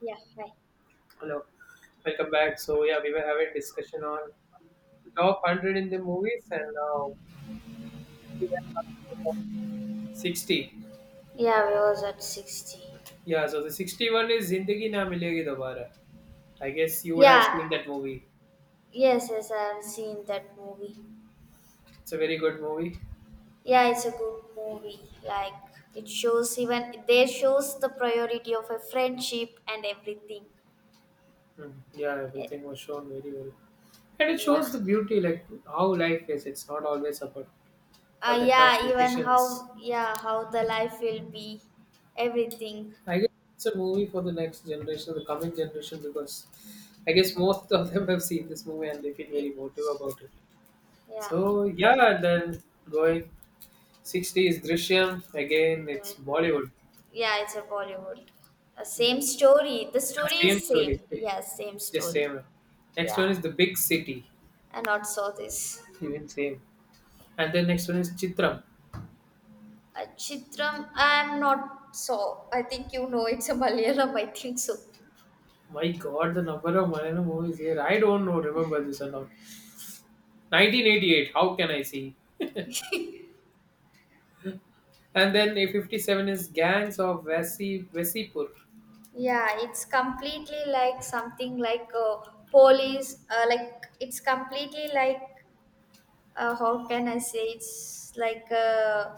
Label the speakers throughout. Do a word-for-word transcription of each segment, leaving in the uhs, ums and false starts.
Speaker 1: Yeah, hi.
Speaker 2: Hello, welcome back. So yeah, we were having discussion on top hundred in the movies, and now we were up to the top sixty.
Speaker 1: Yeah, we was at sixty.
Speaker 2: Yeah, so the sixty-one is Zindagi Na Milegi Dobara. I guess you would have
Speaker 1: Yeah,
Speaker 2: seen that movie.
Speaker 1: yes, yes, I have seen that movie.
Speaker 2: It's a very good movie.
Speaker 1: Yeah, it's a good movie. Like, it shows even, there shows the priority of a friendship and everything.
Speaker 2: Mm, yeah, everything was shown very well, and it
Speaker 1: Yeah.
Speaker 2: shows the beauty, like how life is. It's not always about all
Speaker 1: Uh,
Speaker 2: the tough
Speaker 1: yeah, even
Speaker 2: decisions.
Speaker 1: how, yeah, how the life will be, everything.
Speaker 2: I guess it's a movie for the next generation, the coming generation, because I guess most of them have seen this movie and they feel very motivated
Speaker 1: Yes.
Speaker 2: about it.
Speaker 1: Yeah.
Speaker 2: So yeah, and then going sixty is Drishyam again.
Speaker 1: Yeah,
Speaker 2: It's Bollywood.
Speaker 1: yeah, it's a Bollywood. Uh, same
Speaker 2: Mm,
Speaker 1: story. The
Speaker 2: yeah,
Speaker 1: story
Speaker 2: same
Speaker 1: is
Speaker 2: story,
Speaker 1: same. Yes, same
Speaker 2: just
Speaker 1: story.
Speaker 2: same. Next
Speaker 1: Yeah.
Speaker 2: one is the Big City,
Speaker 1: And not saw this.
Speaker 2: even same. And then next one is Chitram.
Speaker 1: Uh, Chitram, I'm not so. I think you know it's a Malayalam, I think so.
Speaker 2: My God, the number of Malayalam movies here. I don't know. Remember this or not? nineteen eighty-eight. How can I see? And then A fifty-seven is Gangs of Vasi Vesipur.
Speaker 1: Yeah, it's completely like something like uh, police, uh, like it's completely like, uh, how can I say, it's like uh,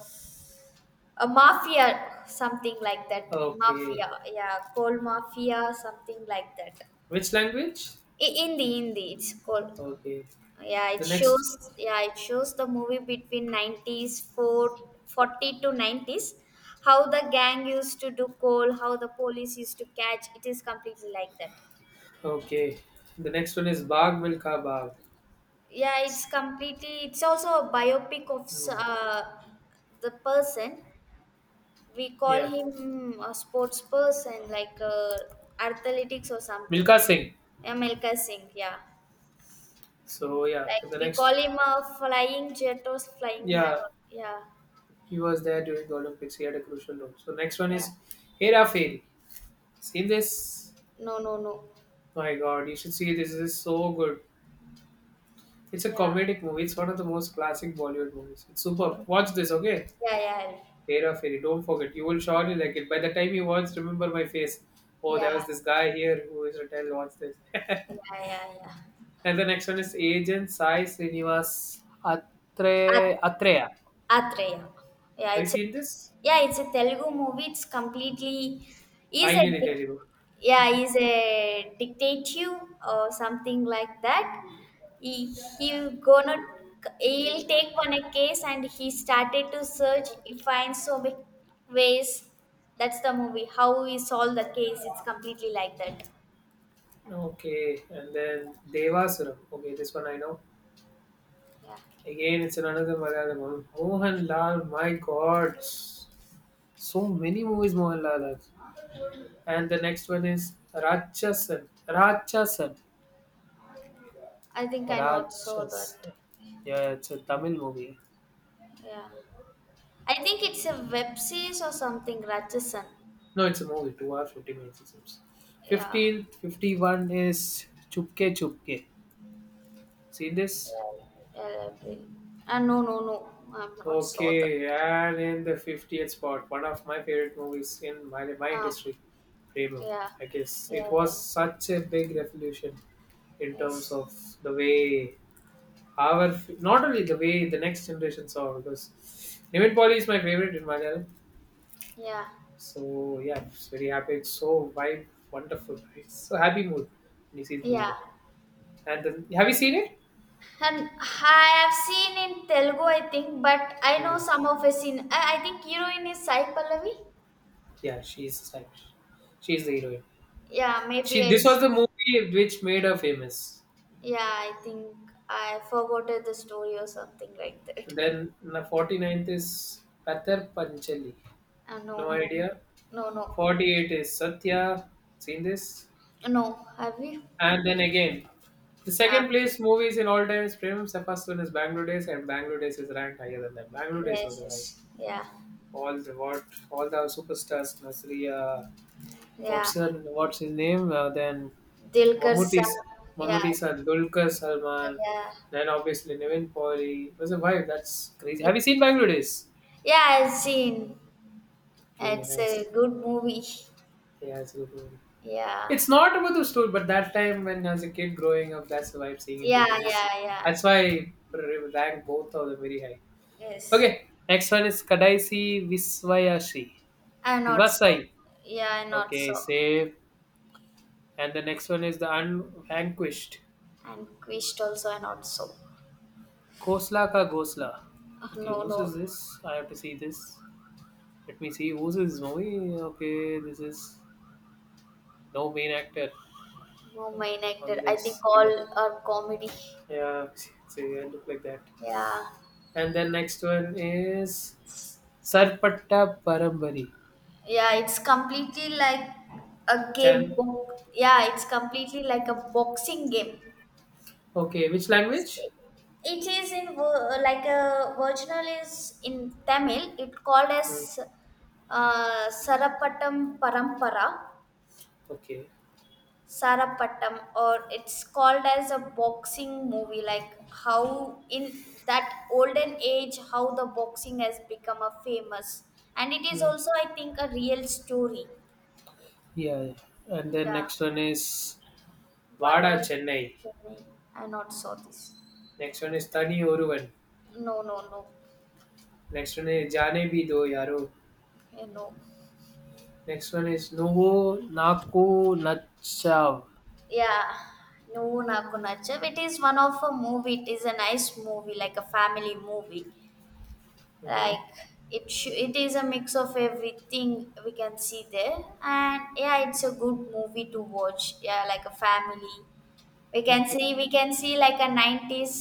Speaker 1: a mafia, something like that.
Speaker 2: Okay.
Speaker 1: Mafia, yeah, called mafia, something like that.
Speaker 2: Which language?
Speaker 1: I- Hindi, Hindi, it's called.
Speaker 2: Okay.
Speaker 1: Yeah, it
Speaker 2: The next.
Speaker 1: shows. Yeah, it shows the movie between nineties, four, forty to nineties. How the gang used to do coal, how the police used to catch. It is completely like that.
Speaker 2: Okay. The next one is Bagh Milka Bagh.
Speaker 1: Yeah, it's completely. It's also a biopic of
Speaker 2: Mm,
Speaker 1: uh, the person. We call
Speaker 2: yeah,
Speaker 1: him a sports person, like uh, athletics or something.
Speaker 2: Milka Singh.
Speaker 1: Yeah, Milka Singh. Yeah,
Speaker 2: So yeah, so
Speaker 1: like
Speaker 2: the
Speaker 1: we
Speaker 2: next,
Speaker 1: call him a flying jet or flying man.
Speaker 2: yeah,
Speaker 1: Or, yeah,
Speaker 2: he was there during the Olympics. He had a crucial role. So next one
Speaker 1: yeah.
Speaker 2: is Hera Fairy. Seen this?
Speaker 1: No, no, no.
Speaker 2: My God, you should see this. This is so good. It's a
Speaker 1: Yeah.
Speaker 2: comedic movie. It's one of the most classic Bollywood movies. It's superb.
Speaker 1: Oh.
Speaker 2: Watch this, okay?
Speaker 1: Yeah, yeah,
Speaker 2: Hera Fairy. Don't forget. You will surely like it. By the time you watch, remember my face. Oh,
Speaker 1: yeah,
Speaker 2: there was this guy here who is retired. Watch this.
Speaker 1: yeah, yeah, yeah.
Speaker 2: And the next one is Agent Sai Srinivas Atre Atreya.
Speaker 1: At- Atreya. Yeah,
Speaker 2: Have you
Speaker 1: it's a,
Speaker 2: seen this?
Speaker 1: yeah, it's a Telugu movie. It's completely is a
Speaker 2: Finally
Speaker 1: dic-
Speaker 2: Telugu.
Speaker 1: yeah, is a dictative or something like that. He he gonna he'll take one a case and he started to search. He finds so many ways. That's the movie. How we solve the case. It's completely like that.
Speaker 2: Okay, and then Devasuram. Okay, this one I know.
Speaker 1: Yeah,
Speaker 2: Again, it's another Malayalam one. Mohanlal, my God, so many movies Mohanlal has. And the next one is Rachasan. Rachasan.
Speaker 1: I think I not saw that.
Speaker 2: Rachasan. Yeah, it's a Tamil movie.
Speaker 1: Yeah. I think it's a web series or something, Ratchasan.
Speaker 2: No, it's a movie. Two hours, fifty minutes. It seems.
Speaker 1: Yeah.
Speaker 2: Fifteen fifty-one is Chupke Chupke. See this?
Speaker 1: Yeah. L L B. Ah, no, no, no. I'm not saw that.
Speaker 2: Okay, and in the fiftieth spot, one of my favorite movies in my, my
Speaker 1: Um,
Speaker 2: industry, Rainbow.
Speaker 1: yeah.
Speaker 2: I guess
Speaker 1: Yeah,
Speaker 2: it was
Speaker 1: yeah.
Speaker 2: such a big revolution in terms
Speaker 1: Yes.
Speaker 2: of the way our, not only the way the next generation saw, because Nimit Polly is my favorite in Malayalam.
Speaker 1: Yeah.
Speaker 2: So yeah, it's very happy. It's so vibe, wonderful, right? It's so happy mood when you see the
Speaker 1: Yeah.
Speaker 2: movie. And then, have you seen it?
Speaker 1: And I have seen in Telugu, I think, but I know
Speaker 2: Mm,
Speaker 1: some of his in. I, I think heroine is Sai Pallavi.
Speaker 2: yeah, she's like, she's the heroine.
Speaker 1: Yeah, maybe
Speaker 2: She,
Speaker 1: I.
Speaker 2: this
Speaker 1: s-
Speaker 2: was the movie which made her famous.
Speaker 1: Yeah, I think I forgot the story or something like that.
Speaker 2: Then the forty ninth is Patar Panchali.
Speaker 1: Uh, no,
Speaker 2: No
Speaker 1: no,
Speaker 2: idea.
Speaker 1: no, no,
Speaker 2: forty-eight is Satya. Seen this?
Speaker 1: no. Have you?
Speaker 2: And then again, the
Speaker 1: Ah,
Speaker 2: second place movies in all times premium. The first one is Bangalore Days, and Bangalore Days is ranked higher than that. Bangalore Days
Speaker 1: yes,
Speaker 2: was a vibe.
Speaker 1: yes, yeah,
Speaker 2: All the what all the superstars, Nasriya,
Speaker 1: yeah.
Speaker 2: what's her, what's his name? Uh, then
Speaker 1: Dilkar
Speaker 2: Mammootty's
Speaker 1: Saab, yeah,
Speaker 2: Mammootty's and Dulquer Salman.
Speaker 1: yeah,
Speaker 2: Then obviously Nivin Pauli. It was a vibe. That's crazy. Have you seen Bangalore Days?
Speaker 1: yeah. I've seen.
Speaker 2: Okay,
Speaker 1: It's
Speaker 2: nice.
Speaker 1: a good movie.
Speaker 2: Yeah, it's a good movie.
Speaker 1: Yeah,
Speaker 2: It's not about the story, but that time when I was a kid growing up, that's why I'm seeing in
Speaker 1: yeah,
Speaker 2: theater. Just
Speaker 1: yeah, yeah.
Speaker 2: that's why I r- rank both of them very high.
Speaker 1: Yes,
Speaker 2: Okay, next one is Kadaisi Viswayashi.
Speaker 1: I not so.
Speaker 2: Vivasai.
Speaker 1: Yeah, I not
Speaker 2: Okay,
Speaker 1: so.
Speaker 2: save. And the next one is the Unvanquished.
Speaker 1: And Quist also, I not so.
Speaker 2: Khosla ka Ghosla.
Speaker 1: Ah,
Speaker 2: Okay,
Speaker 1: no,
Speaker 2: whose is
Speaker 1: no,
Speaker 2: this? I have to see this. Let me see whose is this movie. Okay, this is no main actor
Speaker 1: no main actor.
Speaker 2: on
Speaker 1: I think
Speaker 2: this.
Speaker 1: all
Speaker 2: Yeah,
Speaker 1: are comedy.
Speaker 2: yeah. See, I look like that.
Speaker 1: Yeah,
Speaker 2: And then next one is Sarpatta Parambari.
Speaker 1: yeah. It's completely like a game
Speaker 2: Chan.
Speaker 1: book. Yeah, it's completely like a boxing game.
Speaker 2: Okay, which language?
Speaker 1: It is in ver- like a virginal is in Tamil. It called
Speaker 2: Hmm.
Speaker 1: as uh, Sarapatam Parampara,
Speaker 2: Okay.
Speaker 1: Sarapatam, or it's called as a boxing movie. Like how in that olden age, how the boxing has become a famous, and it is
Speaker 2: Hmm.
Speaker 1: also, I think, a real story.
Speaker 2: Yeah, yeah. And then
Speaker 1: Yeah,
Speaker 2: next one is Vada
Speaker 1: Vada
Speaker 2: Chennai.
Speaker 1: Chennai. I not saw this.
Speaker 2: Next one is Tani Oruvan.
Speaker 1: No, no, no.
Speaker 2: Next one is Jane Bhi Do Yaro.
Speaker 1: Eh, no.
Speaker 2: Next one is Nuvo Naku Nachav.
Speaker 1: Yeah, no, నాకు నచ్చవు. It is one of a movie. It is a nice movie, like a family movie. Like
Speaker 2: Mhm.
Speaker 1: it, sh- it is a mix of everything we can see there, and yeah, it's a good movie to watch. Yeah, like a family. We can
Speaker 2: Okay.
Speaker 1: see, we can see like a nineties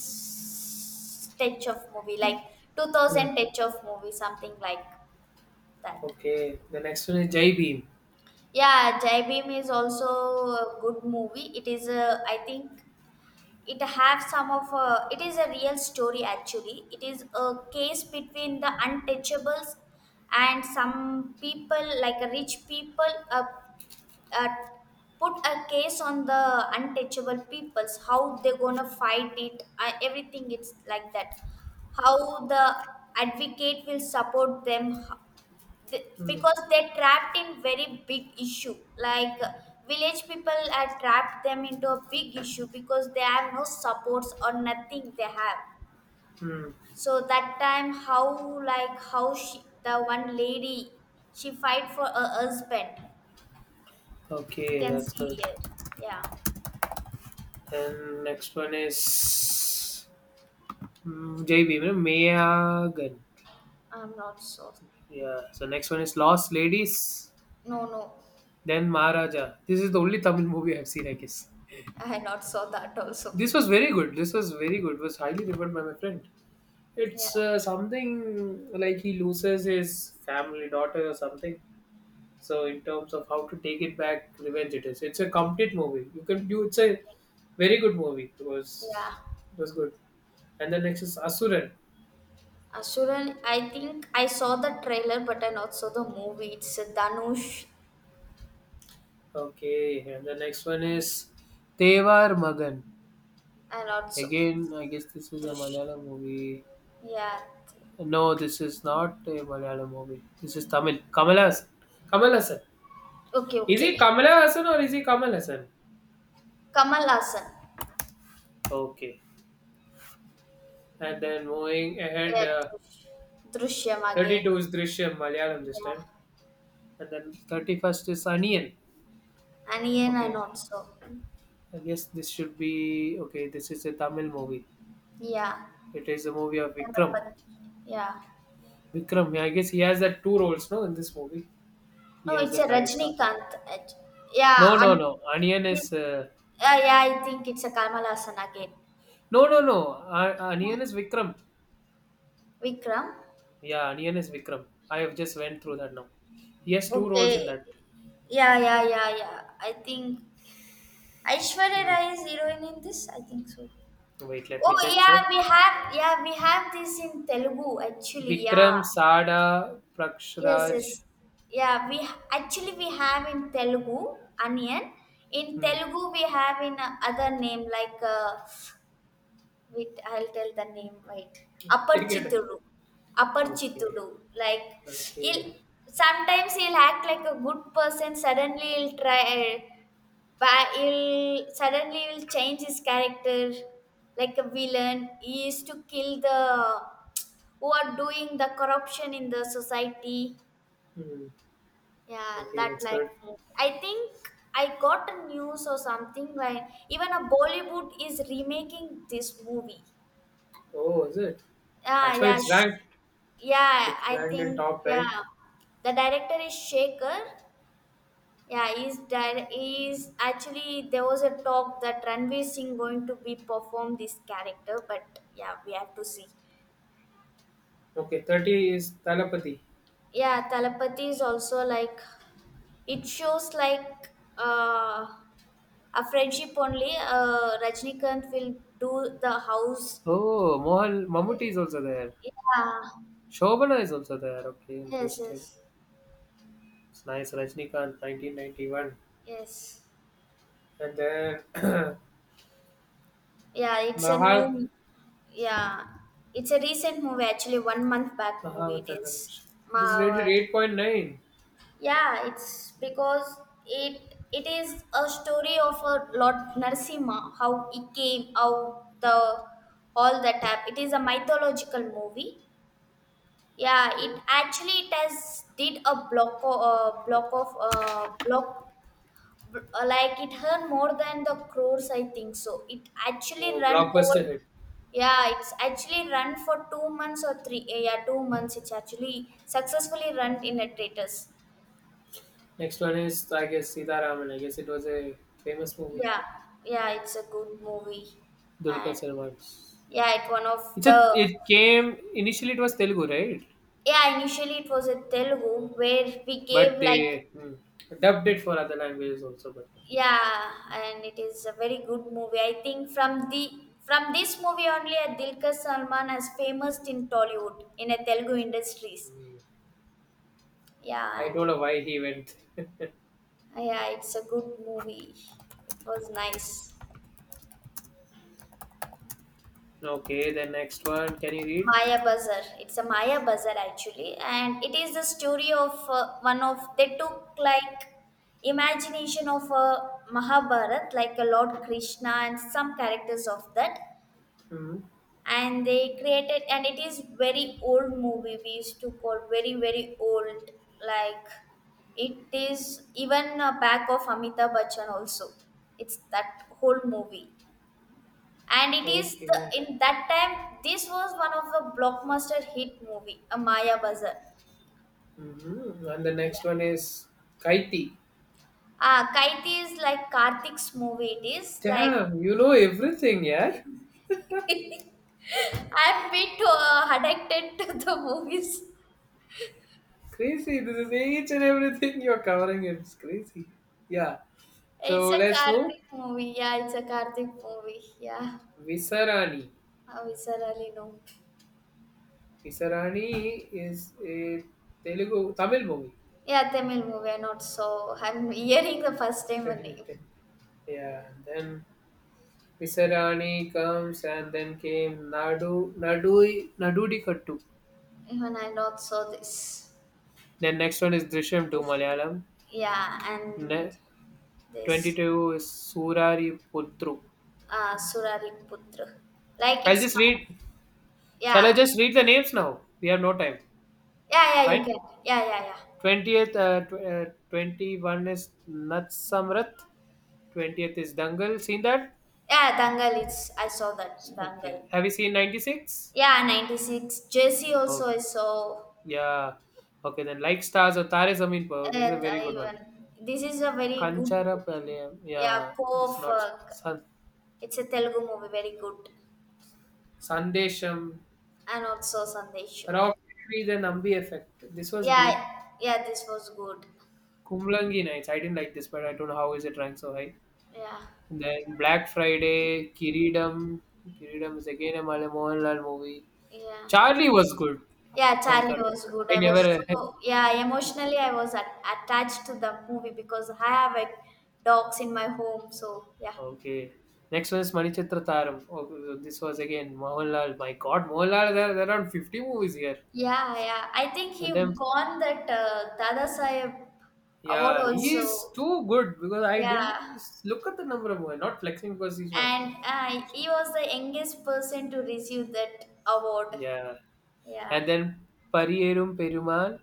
Speaker 1: touch of movie, like two
Speaker 2: Hmm.
Speaker 1: thousand touch of movie, something like that.
Speaker 2: Okay. The next one is Jai Beam.
Speaker 1: Yeah, Jai Bhim is also a good movie. It is a, I think it have some of a, it is a real story. Actually it is a case between the untouchables and some people like rich people, uh, uh, put a case on the untouchable peoples how they're gonna fight it, uh, everything, it's like that. How the advocate will support them, h- th-
Speaker 2: Hmm.
Speaker 1: because they're trapped in very big issue, like uh, village people are trapped them into a big issue because they have no supports or nothing they have.
Speaker 2: Hmm.
Speaker 1: So that time how, like how she the one lady she fight for her husband, we
Speaker 2: Okay,
Speaker 1: can
Speaker 2: that's
Speaker 1: see
Speaker 2: good.
Speaker 1: here. Yeah.
Speaker 2: And next one is Mm, J B, you know, Meyagan.
Speaker 1: I'm not so.
Speaker 2: Yeah. So next one is Lost Ladies,
Speaker 1: No, no,
Speaker 2: then Maharaja. This is the only Tamil movie I've seen, I guess.
Speaker 1: I not saw that also.
Speaker 2: This was very good. This was very good. It was highly referred by my friend.
Speaker 1: Yeah.
Speaker 2: It's uh, something like he loses his family daughter or something. So in terms of how to take it back, revenge it is. It's a complete movie. You can do. It's a
Speaker 1: Okay.
Speaker 2: very good movie. It was.
Speaker 1: Yeah.
Speaker 2: It was good. And the next is Asuran.
Speaker 1: Asuran, I think I saw the trailer, but I not saw the movie. It's a Danush.
Speaker 2: Okay, and the next one is Tevar Magan.
Speaker 1: I not saw
Speaker 2: Again, I guess this is a
Speaker 1: Drush.
Speaker 2: Malayalam movie.
Speaker 1: Yeah.
Speaker 2: No, this is not a Malayalam movie. This is Tamil. Kamal Hassan. Kamal Hassan.
Speaker 1: Okay.
Speaker 2: Is he
Speaker 1: Okay.
Speaker 2: Kamala Hassan or is he Kamal Hassan?
Speaker 1: Kamal Hassan.
Speaker 2: Okay. And then moving ahead,
Speaker 1: Yeah.
Speaker 2: uh,
Speaker 1: Drush. Drishyam again.
Speaker 2: thirty-two is Drishyam, Malayalam this time.
Speaker 1: Yeah.
Speaker 2: And then thirty-first is Onion.
Speaker 1: And again, I
Speaker 2: Okay.
Speaker 1: not saw.
Speaker 2: I guess this should be. Okay, this is a Tamil movie.
Speaker 1: Yeah.
Speaker 2: It is a movie of Vikram.
Speaker 1: Ganapati. Yeah.
Speaker 2: Vikram, yeah, I guess he has that two roles, no, in this movie. He
Speaker 1: No,
Speaker 2: has
Speaker 1: it's a
Speaker 2: that right. co-
Speaker 1: Rajnikanth. It- Yeah,
Speaker 2: No, no,
Speaker 1: and
Speaker 2: no. Onion
Speaker 1: this.
Speaker 2: is. Uh,
Speaker 1: Yeah, yeah, I think it's a Kamal Hassan again.
Speaker 2: No, no, no. Uh,
Speaker 1: Yeah.
Speaker 2: Aniyan is Vikram.
Speaker 1: Vikram.
Speaker 2: Yeah, Aniyan is Vikram. I have just went through that now. He has two roles
Speaker 1: Okay.
Speaker 2: in that.
Speaker 1: Yeah, yeah, yeah, yeah. I think Aishwarya
Speaker 2: Hmm.
Speaker 1: Rai is heroine in this. I think so.
Speaker 2: Wait, let me
Speaker 1: Oh
Speaker 2: check.
Speaker 1: yeah,
Speaker 2: Check.
Speaker 1: we have yeah we have this in Telugu actually. Yeah.
Speaker 2: Vikram, Sada,
Speaker 1: Yes, yes.
Speaker 2: Prakshraj.
Speaker 1: Yeah, we actually we have in Telugu onion. In
Speaker 2: Hmm.
Speaker 1: Telugu we have in uh, other name like. Uh, Wait, I'll tell the name right. Upper
Speaker 2: Take your time.
Speaker 1: Chittoor, Upper
Speaker 2: Okay.
Speaker 1: Chittoor. Like he'll
Speaker 2: Okay.
Speaker 1: sometimes he'll act like a good person. Suddenly he'll try, but he'll suddenly he'll change his character like a villain. He used to kill the who are doing the corruption in the society.
Speaker 2: Hmm.
Speaker 1: Yeah,
Speaker 2: Okay,
Speaker 1: that
Speaker 2: that's
Speaker 1: like
Speaker 2: good.
Speaker 1: I think I got a news or something like even a Bollywood is remaking this movie.
Speaker 2: Oh, is it?
Speaker 1: Yeah,
Speaker 2: That's why
Speaker 1: yeah,
Speaker 2: it's
Speaker 1: sh-
Speaker 2: ranked.
Speaker 1: yeah.
Speaker 2: It's
Speaker 1: I
Speaker 2: ranked in
Speaker 1: think
Speaker 2: top,
Speaker 1: yeah,
Speaker 2: right?
Speaker 1: the director is Shaker. Yeah, he's di- he's actually there was a talk that Ranveer Singh going to be perform this character, but yeah, we have to see.
Speaker 2: Okay, thirty is Talapati.
Speaker 1: Yeah, Talapati is also like it shows like uh, a friendship only. Uh, Rajnikant will do the house.
Speaker 2: Oh, Mohan Mammootty is also there.
Speaker 1: Yeah.
Speaker 2: Shobana is also there. Okay,
Speaker 1: Yes.
Speaker 2: interesting.
Speaker 1: Yes.
Speaker 2: It's nice, Rajnikant nineteen ninety-one.
Speaker 1: Yes.
Speaker 2: And then
Speaker 1: Yeah, it's a
Speaker 2: Maha,
Speaker 1: new, yeah, it's a recent movie actually, one month back movie it
Speaker 2: Mahavatar Ganesh.
Speaker 1: is.
Speaker 2: It is rated
Speaker 1: Ma,
Speaker 2: eight point nine.
Speaker 1: yeah, it's because it it is a story of a Lord Narsimha, how he came out the all that happened. It is a mythological movie. Yeah,
Speaker 2: Okay.
Speaker 1: it actually it has did a block o- uh, block of uh, block b- uh, like it earned more than the crores I think so. It actually
Speaker 2: Oh,
Speaker 1: run over
Speaker 2: blockbuster hit.
Speaker 1: yeah, it's actually run for two months or three. eh, Yeah, two months. It's actually successfully run in a theaters.
Speaker 2: Next one is, I guess, Sitaraman. I guess it was a famous movie.
Speaker 1: Yeah, yeah, it's a good movie,
Speaker 2: Dulquer
Speaker 1: and
Speaker 2: Salman's.
Speaker 1: yeah, it one of
Speaker 2: It's a,
Speaker 1: the
Speaker 2: it came, initially it was Telugu, right?
Speaker 1: yeah. Initially, it was a Telugu where we gave
Speaker 2: But
Speaker 1: like
Speaker 2: they hmm, dubbed it for other languages also, but
Speaker 1: yeah, and it is a very good movie. I think from the from this movie only, uh, Dilkar Salman has famous in Tollywood in a Telugu industries. Yeah,
Speaker 2: I don't
Speaker 1: and
Speaker 2: know why he went.
Speaker 1: yeah, it's a good movie. It was nice.
Speaker 2: okay, the next one. Can you read?
Speaker 1: Maya Bazar. It's a Maya Bazar actually, and it is the story of uh, one of they took like imagination of a Mahabharat, like a Lord Krishna and some characters of that,
Speaker 2: Hmm.
Speaker 1: and they created. And it is very old movie. We used to call very very old. Like it is even uh, back of Amitabh Bachchan also. It's that whole movie, and it is the,
Speaker 2: Okay.
Speaker 1: in that time this was one of the blockbuster hit movie, a Maya Bazar,
Speaker 2: Mhm. And the
Speaker 1: yeah.
Speaker 2: next one is Kaiti.
Speaker 1: Uh, kaiti is like Karthik's movie, it is like
Speaker 2: Damn, you know everything, yeah?
Speaker 1: I'm bit uh, addicted to the movies.
Speaker 2: Crazy. This is each and everything you're covering. It's crazy. Yeah. So
Speaker 1: It's a
Speaker 2: let's move.
Speaker 1: Karthik movie, yeah, it's a Karthik movie, yeah.
Speaker 2: Visarani.
Speaker 1: I viscerally know.
Speaker 2: Visarani is a Telugu Tamil movie.
Speaker 1: Yeah, Tamil movie, I not so. I'm hearing the first time her name.
Speaker 2: two thousand fifteen.
Speaker 1: Yeah,
Speaker 2: Yeah. Then Visarani comes and then came Nadu Nadu Nadudi Kattu.
Speaker 1: even I not saw this.
Speaker 2: Then next one is Drishyam two
Speaker 1: Pushpa two.
Speaker 2: Malayalam.
Speaker 1: Yeah, and
Speaker 2: Ne-
Speaker 1: this.
Speaker 2: twenty-two is Surari Putru.
Speaker 1: Uh, Surariputra. Like
Speaker 2: I'll
Speaker 1: it's
Speaker 2: just
Speaker 1: com-
Speaker 2: read. Shall I
Speaker 1: yeah.
Speaker 2: just read the names now? We have no time.
Speaker 1: Yeah, yeah, you
Speaker 2: Fine.
Speaker 1: can. Yeah, yeah, yeah.
Speaker 2: twentieth, uh, tw- uh, twenty-one is Natsamrat. twentieth is Dangal. Seen that?
Speaker 1: Yeah, Dangal it's I saw that
Speaker 2: Okay.
Speaker 1: Dangal.
Speaker 2: Have you seen ninety-six?
Speaker 1: Yeah, ninety-six. Jesse also
Speaker 2: Oh,
Speaker 1: I saw
Speaker 2: yeah. Okay, then like stars or Tare Zameen Par. This is a very
Speaker 1: it
Speaker 2: good one.
Speaker 1: even. This is a very good
Speaker 2: Kanchara
Speaker 1: movie.
Speaker 2: Palayam.
Speaker 1: Yeah,
Speaker 2: Yeah,
Speaker 1: Co
Speaker 2: this is
Speaker 1: of
Speaker 2: not
Speaker 1: uh,
Speaker 2: San-
Speaker 1: it's a Telugu movie, very good.
Speaker 2: Sandesham.
Speaker 1: And also Sandesham.
Speaker 2: Rocketry, the Nambi effect. This was good.
Speaker 1: Yeah, yeah, this was good.
Speaker 2: Kumlangi Nights. I didn't like this, but I don't know how is it ranked so high.
Speaker 1: Yeah,
Speaker 2: Then Black Friday, Kiridam. Kiridam is again a Mala- Mohanlal movie.
Speaker 1: yeah.
Speaker 2: Charlie was good
Speaker 1: Yeah,
Speaker 2: from
Speaker 1: Charlie was
Speaker 2: Karnataka.
Speaker 1: good.
Speaker 2: I
Speaker 1: I was
Speaker 2: never.
Speaker 1: so yeah emotionally I was at, attached to the movie because I have like dogs in my home. So yeah,
Speaker 2: okay. Next one is Manichitra Taram. Oh, this was again Mohanlal. My God, Mohanlal, there, there are around fifty movies here.
Speaker 1: yeah, yeah. I think
Speaker 2: And
Speaker 1: he
Speaker 2: then,
Speaker 1: won that uh, Dada Sahib award
Speaker 2: yeah, he
Speaker 1: also.
Speaker 2: is too good because I
Speaker 1: Yeah,
Speaker 2: didn't look at the number of movies. Not flexing because he's from.
Speaker 1: and uh, he was the youngest person to receive that award.
Speaker 2: Yeah.
Speaker 1: Yeah.
Speaker 2: And then Pariyerum Perumal.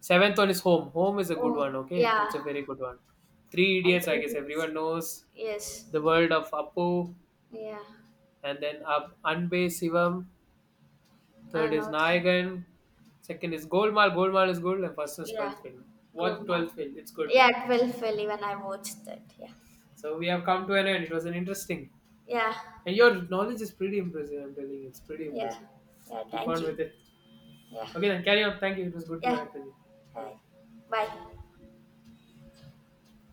Speaker 2: Seventh one is Home. Home is a good
Speaker 1: Oh
Speaker 2: one, okay?
Speaker 1: yeah,
Speaker 2: It's a very good one. Three
Speaker 1: and
Speaker 2: Idiots, I
Speaker 1: three
Speaker 2: guess
Speaker 1: deeds.
Speaker 2: everyone knows.
Speaker 1: Yes.
Speaker 2: The World of Appu,
Speaker 1: Yeah,
Speaker 2: and then Ab Anbe Sivam. Third
Speaker 1: and
Speaker 2: is
Speaker 1: also.
Speaker 2: Nayagan. Second is Golmaal. Golmaal is good, and first is
Speaker 1: Yeah,
Speaker 2: twelfth film. What
Speaker 1: good
Speaker 2: twelfth
Speaker 1: one.
Speaker 2: film? It's good.
Speaker 1: Yeah, twelve fell when I watched that. Yeah,
Speaker 2: So we have come to an end. It was an interesting.
Speaker 1: yeah,
Speaker 2: And your knowledge is pretty impressive, I'm telling you. It's pretty
Speaker 1: yeah,
Speaker 2: impressive.
Speaker 1: yeah.
Speaker 2: Keep
Speaker 1: Thank
Speaker 2: on
Speaker 1: you.
Speaker 2: with it.
Speaker 1: Yeah,
Speaker 2: Okay, then carry on. Thank you. It was good to
Speaker 1: yeah.
Speaker 2: connect with you. Bye
Speaker 1: Bye.
Speaker 2: bye.
Speaker 1: Bye.